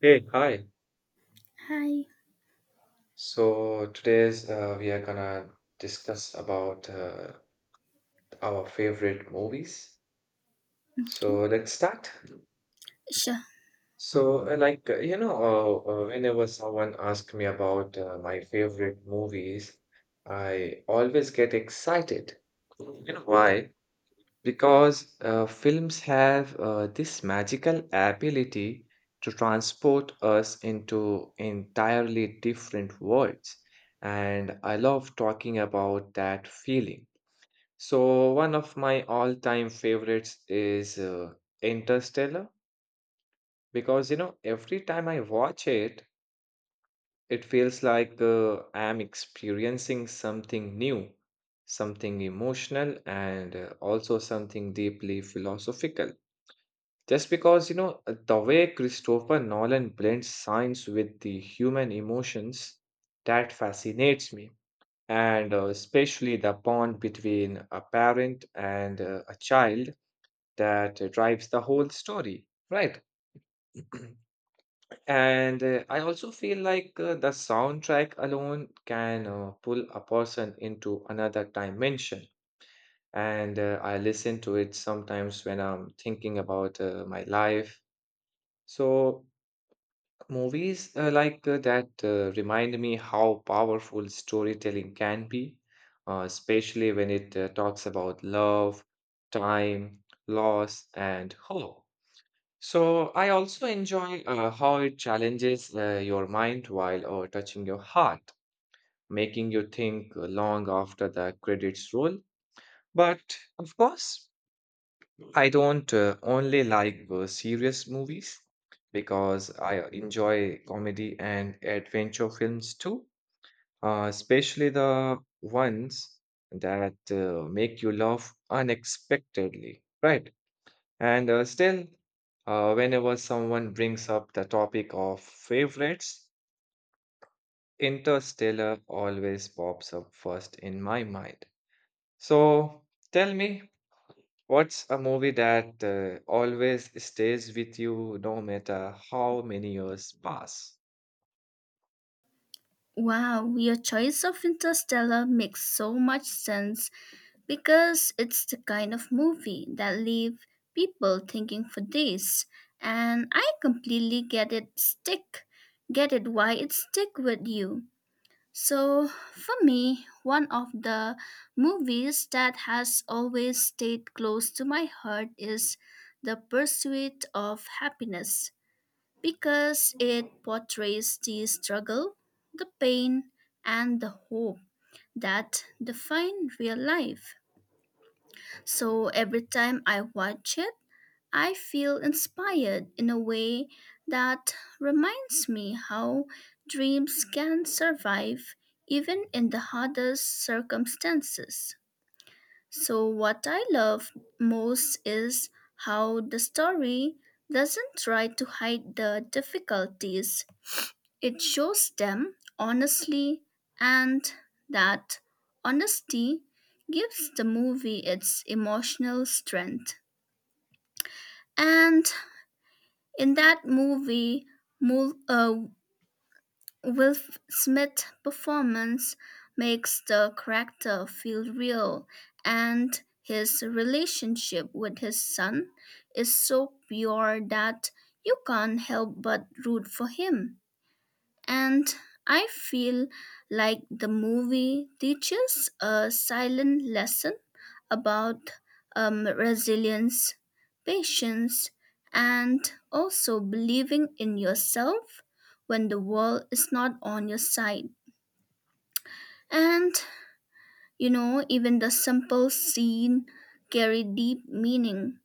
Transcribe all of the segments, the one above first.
Hey, hi. Hi. So today's we are gonna discuss about our favorite movies. Okay. So let's start. Sure. So whenever someone asks me about my favorite movies, I always get excited. You know why? Because films have this magical ability to transport us into entirely different worlds. And I love talking about that feeling. So, one of my all time favorites is Interstellar because, you know, every time I watch it, it feels like I'm experiencing something new, something emotional, and also something deeply philosophical. Just because, you know, the way Christopher Nolan blends science with the human emotions, that fascinates me. And especially the bond between a parent and a child that drives the whole story, right? And I also feel like the soundtrack alone can pull a person into another dimension. And I listen to it sometimes when I'm thinking about my life. So movies like that remind me how powerful storytelling can be, especially when it talks about love, time, loss, and hope. So, I also enjoy how it challenges your mind while touching your heart, making you think long after the credits roll. But of course, I don't only like serious movies because I enjoy comedy and adventure films too, especially the ones that make you laugh unexpectedly, right? And still, whenever someone brings up the topic of favorites, Interstellar always pops up first in my mind. So tell me, what's a movie that always stays with you no matter how many years pass? Wow, your choice of Interstellar makes so much sense because it's the kind of movie that leave people thinking for days, and I completely get it why it stick with you. So for me, one of the movies that has always stayed close to my heart is The Pursuit of Happiness because it portrays the struggle, the pain, and the hope that define real life. So every time I watch it, I feel inspired in a way that reminds me how dreams can survive even in the hardest circumstances. So, what I love most is how the story doesn't try to hide the difficulties, it shows them honestly, and that honesty gives the movie its emotional strength. And in that movie, Mul- uh, Will Smith's performance makes the character feel real, and his relationship with his son is so pure that you can't help but root for him. And I feel like the movie teaches a silent lesson about resilience, patience, and also believing in yourself when the world is not on your side. And you know, even the simple scene carry deep meaning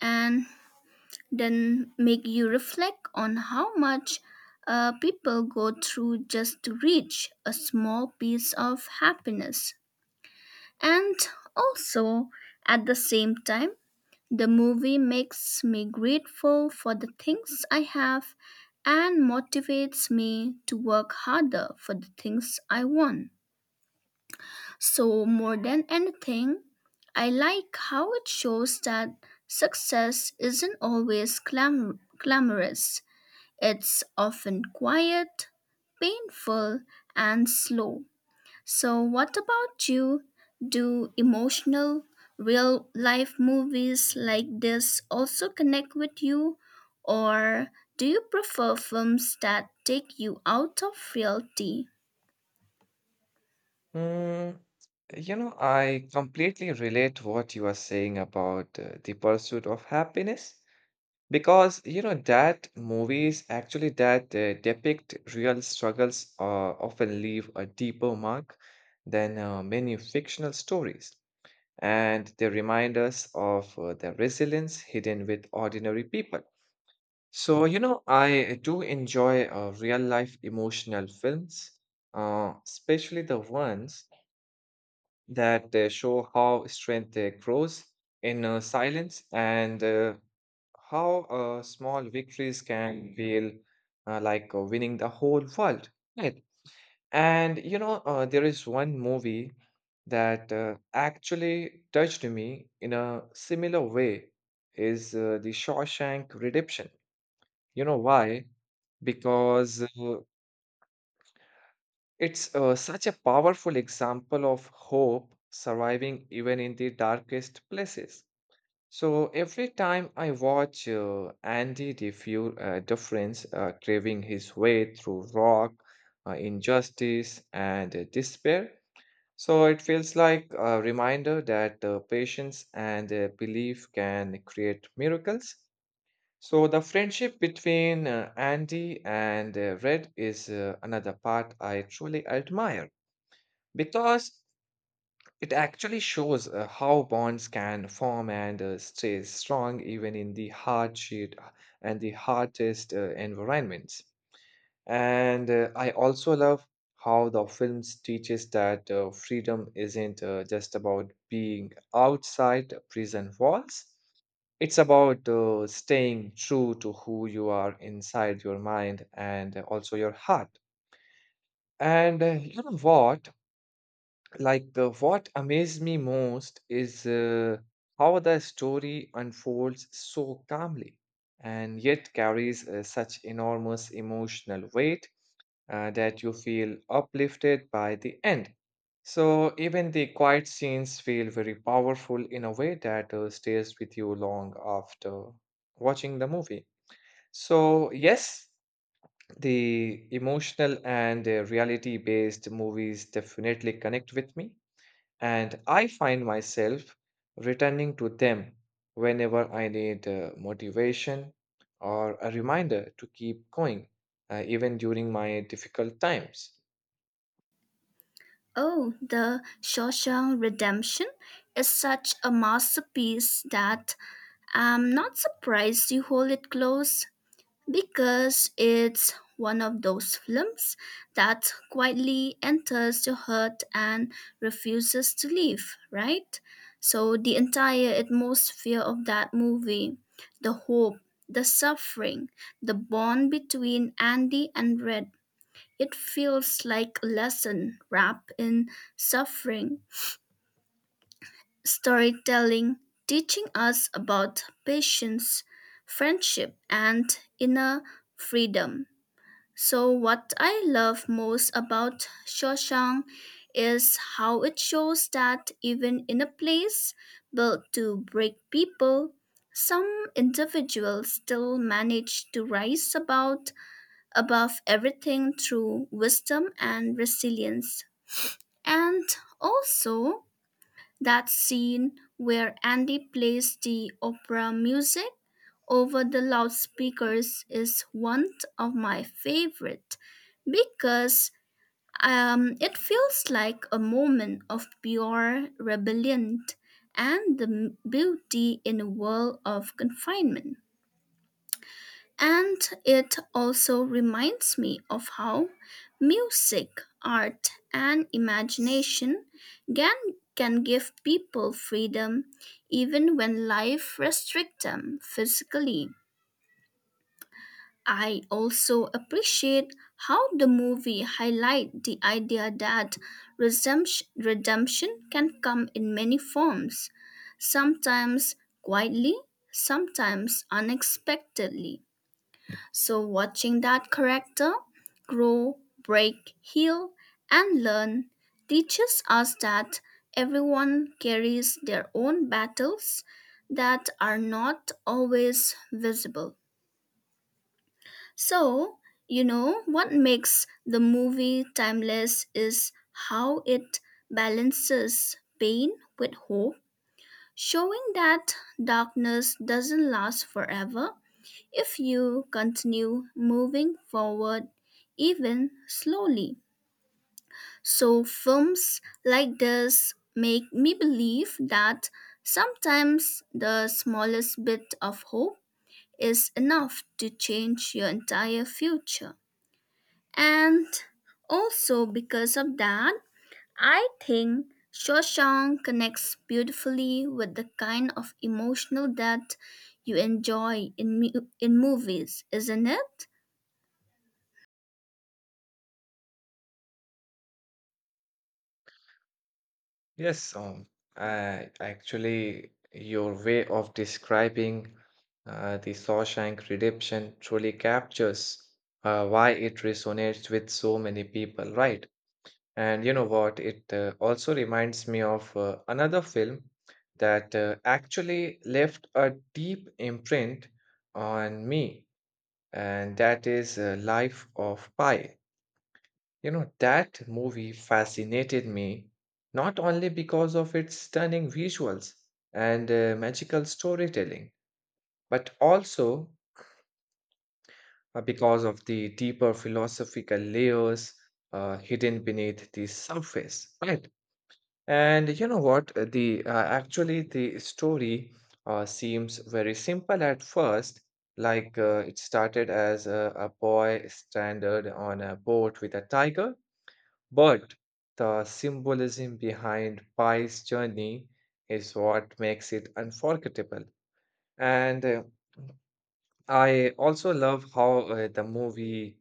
and then make you reflect on how much people go through just to reach a small piece of happiness. And also, at the same time, the movie makes me grateful for the things I have and motivates me to work harder for the things I want. So, more than anything, I like how it shows that success isn't always glamorous, it's often quiet, painful, and slow. So, what about you? Do emotional, real life movies like this also connect with you? Or do you prefer films that take you out of reality? Hmm. You know, I completely relate what you are saying about the pursuit of happiness. Because you know that movies actually that depict real struggles often leave a deeper mark than many fictional stories, and they remind us of the resilience hidden with ordinary people. So you know, I do enjoy real life emotional films, especially the ones that show how strength grows in silence and how small victories can feel like winning the whole world, right? And you know, there is one movie that actually touched me in a similar way is The Shawshank Redemption. You know why? Because it's such a powerful example of hope surviving even in the darkest places. So every time I watch Andy Dufresne craving his way through rock, injustice, and despair, so it feels like a reminder that patience and belief can create miracles. So the friendship between Andy and Red is another part I truly admire because it actually shows how bonds can form and stay strong even in the hardship and the hardest environments. And I also love how the film teaches that freedom isn't just about being outside prison walls. It's about staying true to who you are inside your mind and also your heart. And you know what? Like the what amazed me most is how the story unfolds so calmly and yet carries such enormous emotional weight that you feel uplifted by the end. So even the quiet scenes feel very powerful in a way that stays with you long after watching the movie. So yes, the emotional and reality based movies definitely connect with me, and I find myself returning to them whenever I need motivation or a reminder to keep going, even during my difficult times. Oh, The Shawshank Redemption is such a masterpiece that I'm not surprised you hold it close. Because it's one of those films that quietly enters your heart and refuses to leave, right? So the entire atmosphere of that movie, the hope, the suffering, the bond between Andy and Red, it feels like a lesson wrapped in suffering, storytelling, teaching us about patience, friendship, and inner freedom. So, what I love most about Shawshank is how it shows that even in a place built to break people, some individuals still manage to rise about above everything through wisdom and resilience. And also that scene where Andy plays the opera music over the loudspeakers is one of my favorite because it feels like a moment of pure rebellion and the beauty in a world of confinement. And it also reminds me of how music, art, and imagination can, can give people freedom even when life restricts them physically. I also appreciate how the movie highlight the idea that redemption can come in many forms, sometimes quietly, sometimes unexpectedly. So watching that character grow, break, heal, and learn teaches us that everyone carries their own battles that are not always visible. So, you know, what makes the movie timeless is how it balances pain with hope, showing that darkness doesn't last forever if you continue moving forward, even slowly. So, films like this make me believe that sometimes the smallest bit of hope is enough to change your entire future. And also because of that, I think Shawshank connects beautifully with the kind of emotional depth you enjoy in in movies, isn't it? Yes, your way of describing the Shawshank Redemption truly captures why it resonates with so many people, right? And you know what? It also reminds me of another film that actually left a deep imprint on me, and that is Life of Pi. You know, that movie fascinated me not only because of its stunning visuals and magical storytelling, but also because of the deeper philosophical layers hidden beneath the surface, right? And you know what? The actually the story seems very simple at first, like it started as a boy stranded on a boat with a tiger. But the symbolism behind Pi's journey is what makes it unforgettable. And I also love how the movie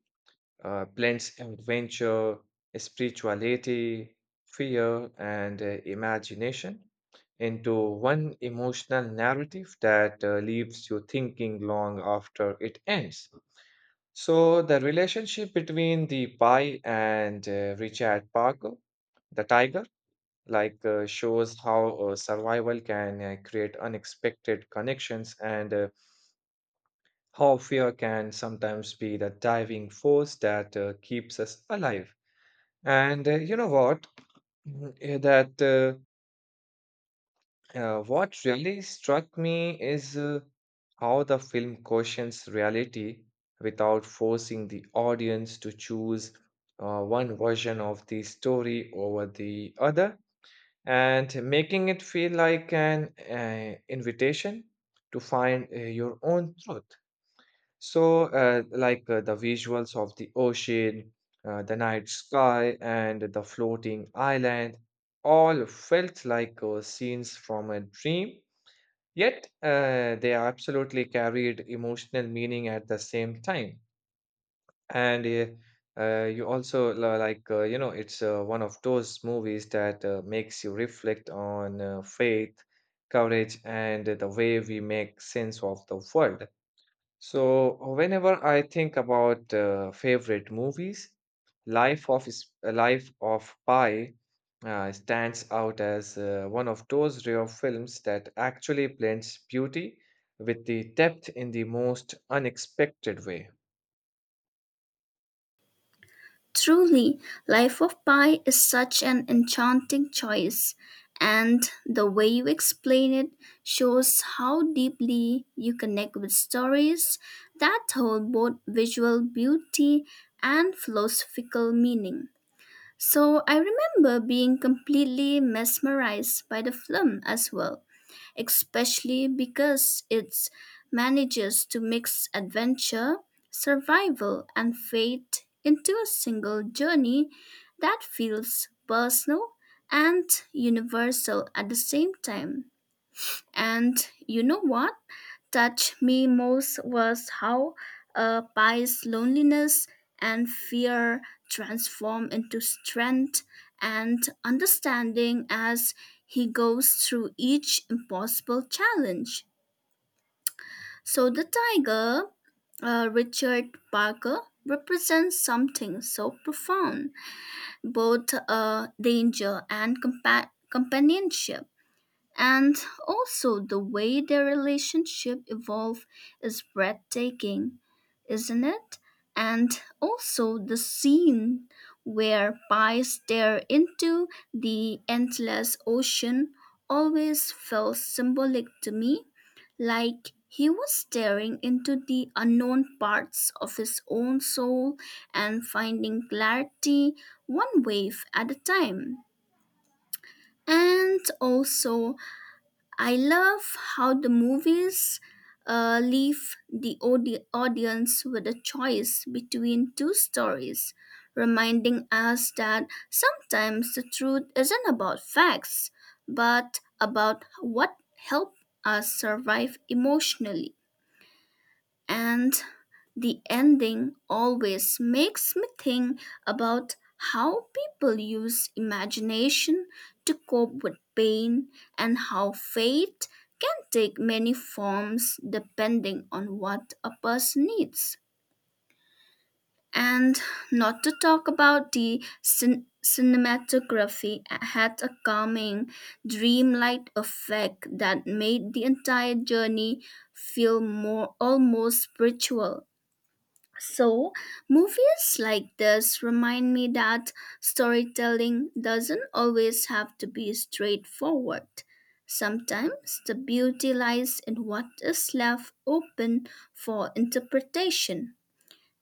blends adventure, spirituality, fear, and imagination into one emotional narrative that leaves you thinking long after it ends. So, the relationship between the Pi and Richard Parker, the tiger, like shows how survival can create unexpected connections and how fear can sometimes be the driving force that keeps us alive. And you know what? Mm, Eh, That What really struck me is how the film questions reality without forcing the audience to choose one version of the story over the other and making it feel like an invitation to find your own truth. So, like the visuals of the ocean, the night sky, and the floating island all felt like scenes from a dream, yet they absolutely carried emotional meaning at the same time. And you also li- like, you know, it's one of those movies that makes you reflect on faith, courage, and the way we make sense of the world. So, whenever I think about favorite movies, Life of Pi stands out as one of those rare films that actually blends beauty with the depth in the most unexpected way. Truly, Life of Pi is such an enchanting choice, and the way you explain it shows how deeply you connect with stories that hold both visual beauty and philosophical meaning. So I remember being completely mesmerized by the film as well, especially because it manages to mix adventure, survival, and fate into a single journey that feels personal and universal at the same time. And you know what touched me most was how a pie's loneliness and fear transform into strength and understanding as he goes through each impossible challenge. So the tiger, Richard Parker, represents something so profound, both danger and companionship. And also the way their relationship evolve is breathtaking, isn't it? And also the scene where Pi stare into the endless ocean always felt symbolic to me, like he was staring into the unknown parts of his own soul and finding clarity one wave at a time. And also I love how the movies leave the audience with a choice between two stories, reminding us that sometimes the truth isn't about facts, but about what helped us survive emotionally, and the ending always makes me think about how people use imagination to cope with pain and how fate can take many forms depending on what a person needs. And not to talk about, the cinematography had a calming, dreamlike effect that made the entire journey feel more almost spiritual. So, movies like this remind me that storytelling doesn't always have to be straightforward. Sometimes the beauty lies in what is left open for interpretation.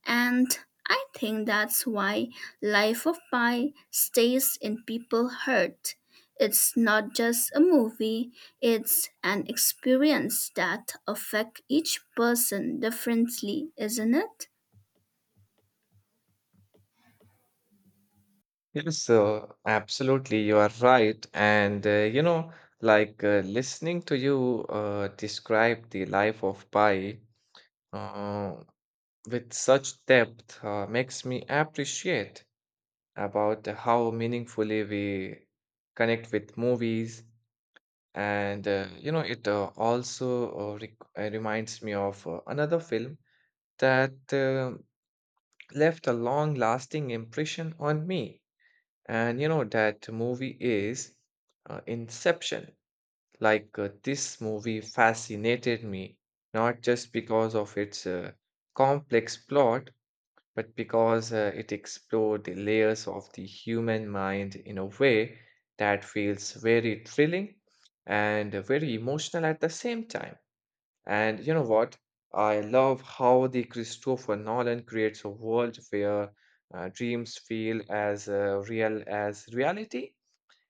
And I think that's why Life of Pi stays in people's heart. It's not just a movie, it's an experience that affects each person differently, isn't it? Yes, absolutely. You are right. And, you know, like listening to you describe the life of Pai uh, with such depth makes me appreciate about how meaningfully we connect with movies. And, you know, it also rec reminds me of another film that left a long-lasting impression on me. And you know that movie is Inception. Like this movie fascinated me, not just because of its complex plot, but because it explored the layers of the human mind in a way that feels very thrilling and very emotional at the same time. And you know what? I love how the Christopher Nolan creates a world where dreams feel as real as reality,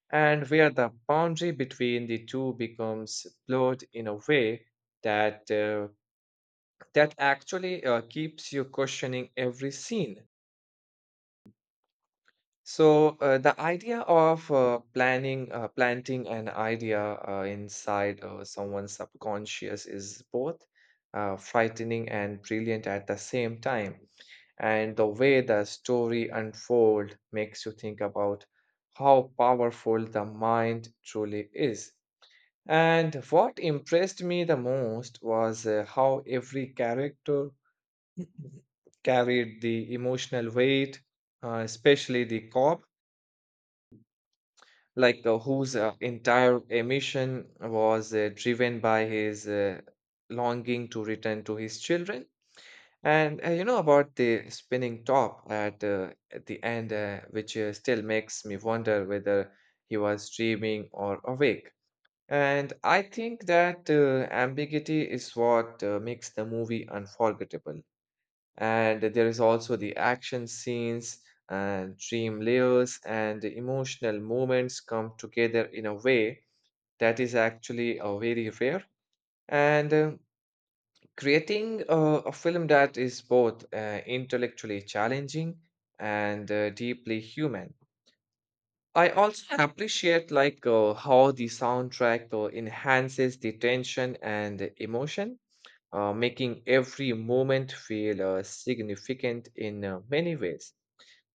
and where the boundary between the two becomes blurred in a way that uh, that actually keeps you questioning every scene. So the idea of planting an idea inside someone's subconscious is both frightening and brilliant at the same time. And the way the story unfold makes you think about how powerful the mind truly is. And what impressed me the most was how every character carried the emotional weight, especially the cop like whose entire emission was driven by his longing to return to his children. And you know about the spinning top at the end, which still makes me wonder whether he was dreaming or awake. And I think that ambiguity is what makes the movie unforgettable. And there is also the action scenes and dream layers and the emotional moments come together in a way that is actually very rare. And creating a film that is both intellectually challenging and deeply human. I also appreciate like how the soundtrack enhances the tension and the emotion, making every moment feel significant in many ways.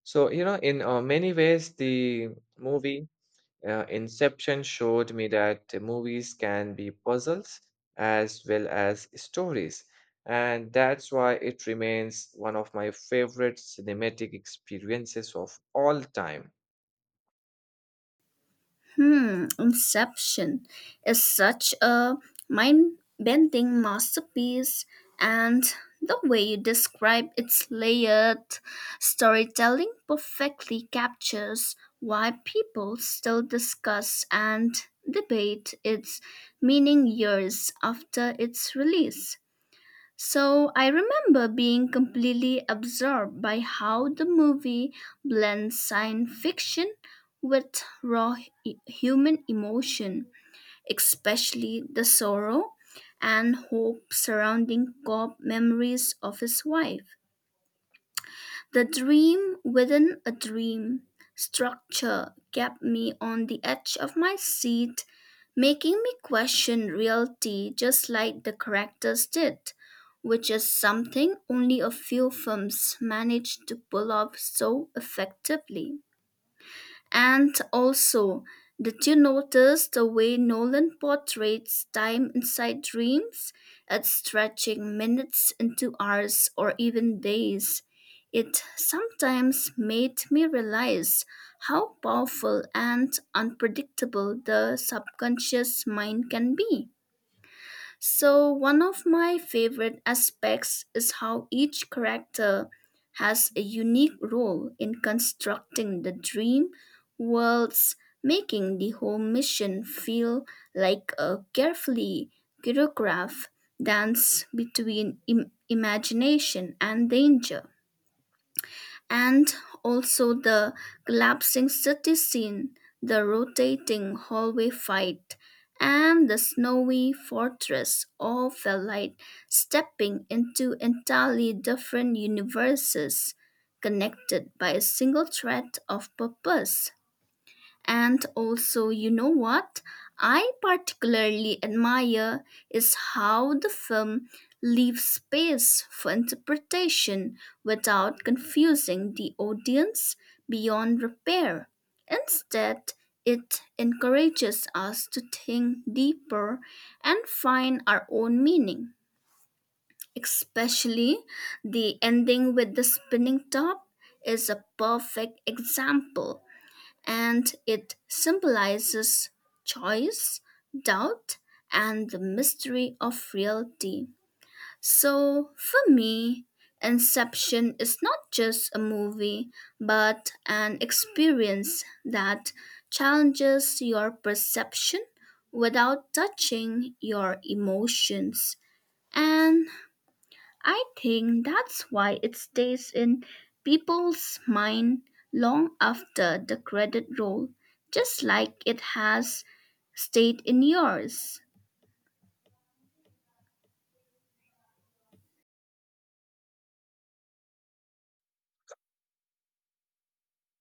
So, you know, in many ways, the movie Inception showed me that the movies can be puzzles as well as stories. And that's why it remains one of my favorite cinematic experiences of all time. Hmm, Inception is such a mind bending masterpiece, and the way you describe its layered storytelling perfectly captures why people still discuss and debate its meaning years after its release. So I remember being completely absorbed by how the movie blends science fiction with raw human emotion, especially the sorrow and hope surrounding Cobb memories of his wife. The dream within a dream structure kept me on the edge of my seat, making me question reality just like the characters did, which is something only a few films manage to pull off so effectively. And also, did you notice the way Nolan portrays time inside dreams? It's stretching minutes into hours or even days. It sometimes made me realize how powerful and unpredictable the subconscious mind can be. So, one of my favorite aspects is how each character has a unique role in constructing the dream worlds, making the whole mission feel like a carefully choreographed dance between imagination and danger. And also the collapsing city scene, the rotating hallway fight, and the snowy fortress all felt like stepping into entirely different universes, connected by a single thread of purpose. And also, you know what I particularly admire is how the film leaves space for interpretation without confusing the audience beyond repair. Instead, it encourages us to think deeper and find our own meaning. Especially the ending with the spinning top is a perfect example, and it symbolizes choice, doubt, and the mystery of reality. So, for me, Inception is not just a movie, but an experience that challenges your perception without touching your emotions. And I think that's why it stays in people's mind long after the credit roll, just like it has stayed in yours.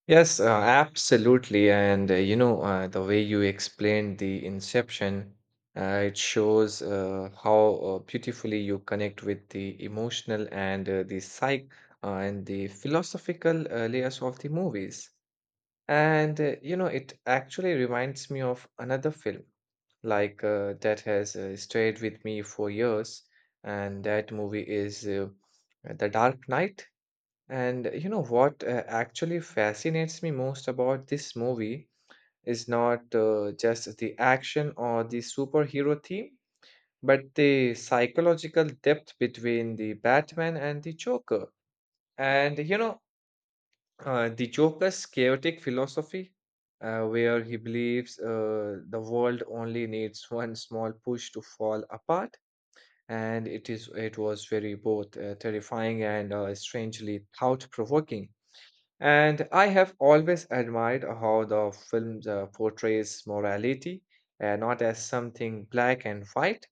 Yes, absolutely. And you know, the way you explained the inception, it shows how beautifully you connect with the emotional and the psych and the philosophical layers of the movies. And you know, it actually reminds me of another film like that has stayed with me for years, and that movie is The Dark Knight. And you know what actually fascinates me most about this movie is not just the action or the superhero theme, but the psychological depth between the Batman and the Joker. And you know, the Joker's chaotic philosophy, where he believes the world only needs one small push to fall apart. And it was very both terrifying and strangely thought-provoking, and I have always admired how the film portrays morality, not as something black and white,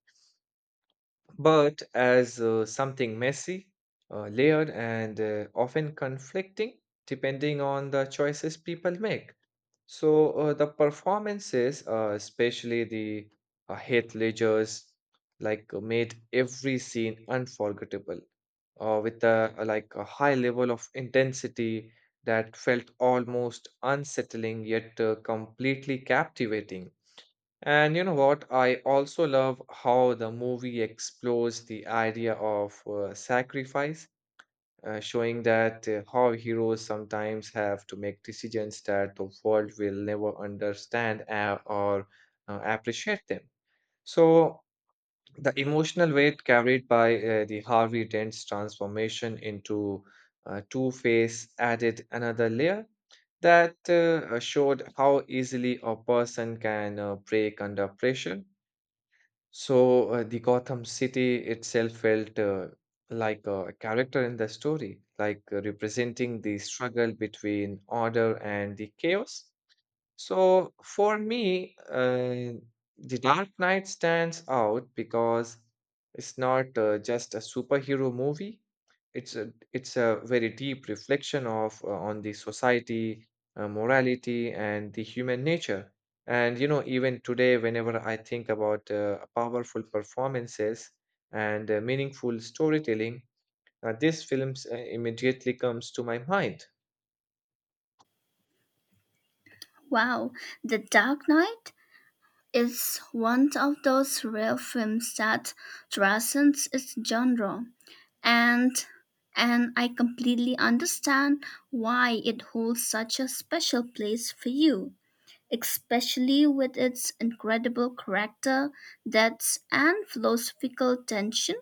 but as something messy, layered, and often conflicting, depending on the choices people make. So the performances, especially the Heath Ledger's, like made every scene unforgettable with a like a high level of intensity that felt almost unsettling yet completely captivating. And you know what? I also love how the movie explores the idea of sacrifice, showing that how heroes sometimes have to make decisions that the world will never understand or appreciate them. So, the emotional weight carried by the Harvey Dent's transformation into Two-Face added another layer that showed how easily a person can break under pressure. So the Gotham City itself felt like a character in the story, like representing the struggle between order and the chaos. So for me, The Dark Knight stands out because it's not just a superhero movie. It's a very deep reflection of on the society, morality, and the human nature. And you know, even today, whenever I think about powerful performances and meaningful storytelling, now, this film immediately comes to my mind. Wow, The Dark Knight is one of those rare films that transcends its genre, and I completely understand why it holds such a special place for you, especially with its incredible character depths and philosophical tension.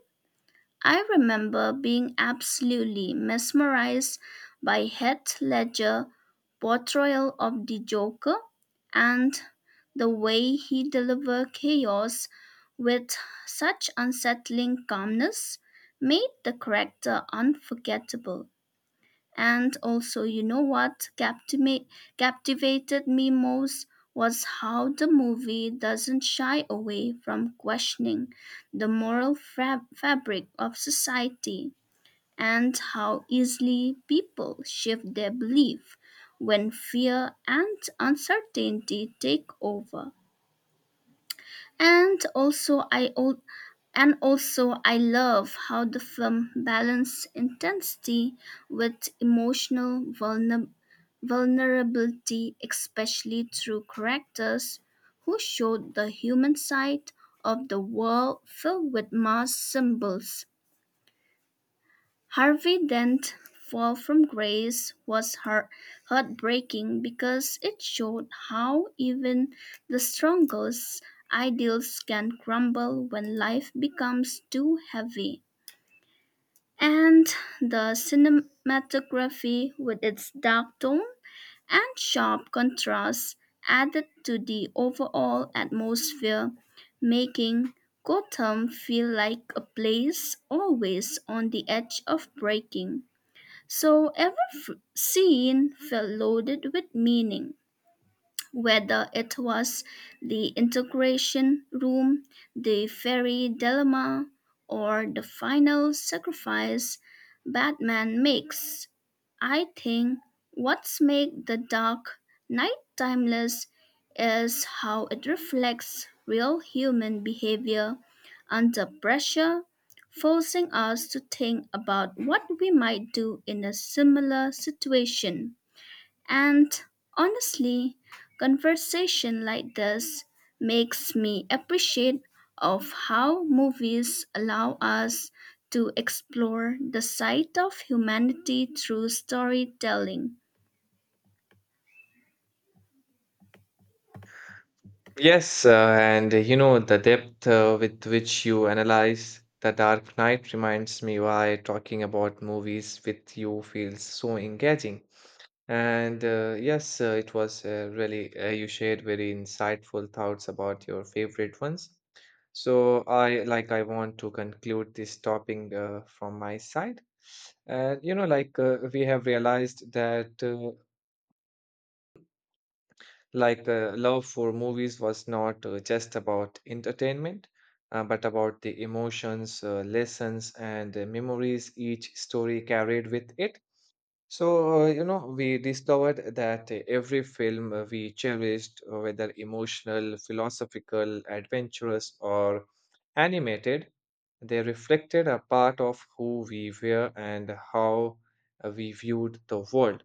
I remember being absolutely mesmerized by Heath Ledger's portrayal of the Joker, and the way he delivered chaos with such unsettling calmness made the character unforgettable. And also, you know what captivated me most was how the movie doesn't shy away from questioning the moral fabric of society and how easily people shift their belief when fear and uncertainty take over. And and also I love how the film balanced intensity with emotional vulnerability, especially through characters who showed the human side of the world filled with mass symbols. Harvey Dent's fall from grace was heartbreaking because it showed how even the strongest ideals can crumble when life becomes too heavy. And the cinematography, with its dark tone and sharp contrast, added to the overall atmosphere, making Gotham feel like a place always on the edge of breaking. So every scene felt loaded with meaning, whether it was the integration room, the fairy dilemma, or the final sacrifice Batman makes. I think what's made the dark Knight timeless is how it reflects real human behavior under pressure, forcing us to think about what we might do in a similar situation. And honestly, conversation like this makes me appreciate of how movies allow us to explore the side of humanity through storytelling. Yes, and you know, the depth with which you analyze The Dark Knight reminds me why talking about movies with you feels so engaging. And yes, it was really you shared very insightful thoughts about your favorite ones. So I want to conclude this topic from my side. And you know, like we have realized that love for movies was not just about entertainment, but about the emotions, lessons, and memories each story carried with it. So, you know, we discovered that every film we cherished, whether emotional, philosophical, adventurous, or animated, they reflected a part of who we were and how we viewed the world.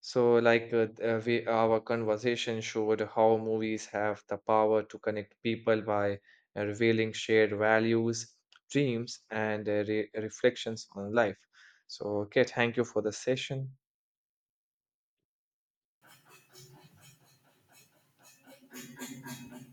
So, our conversation showed how movies have the power to connect people by revealing shared values, dreams, and re reflections on life. So, okay, thank you for the session.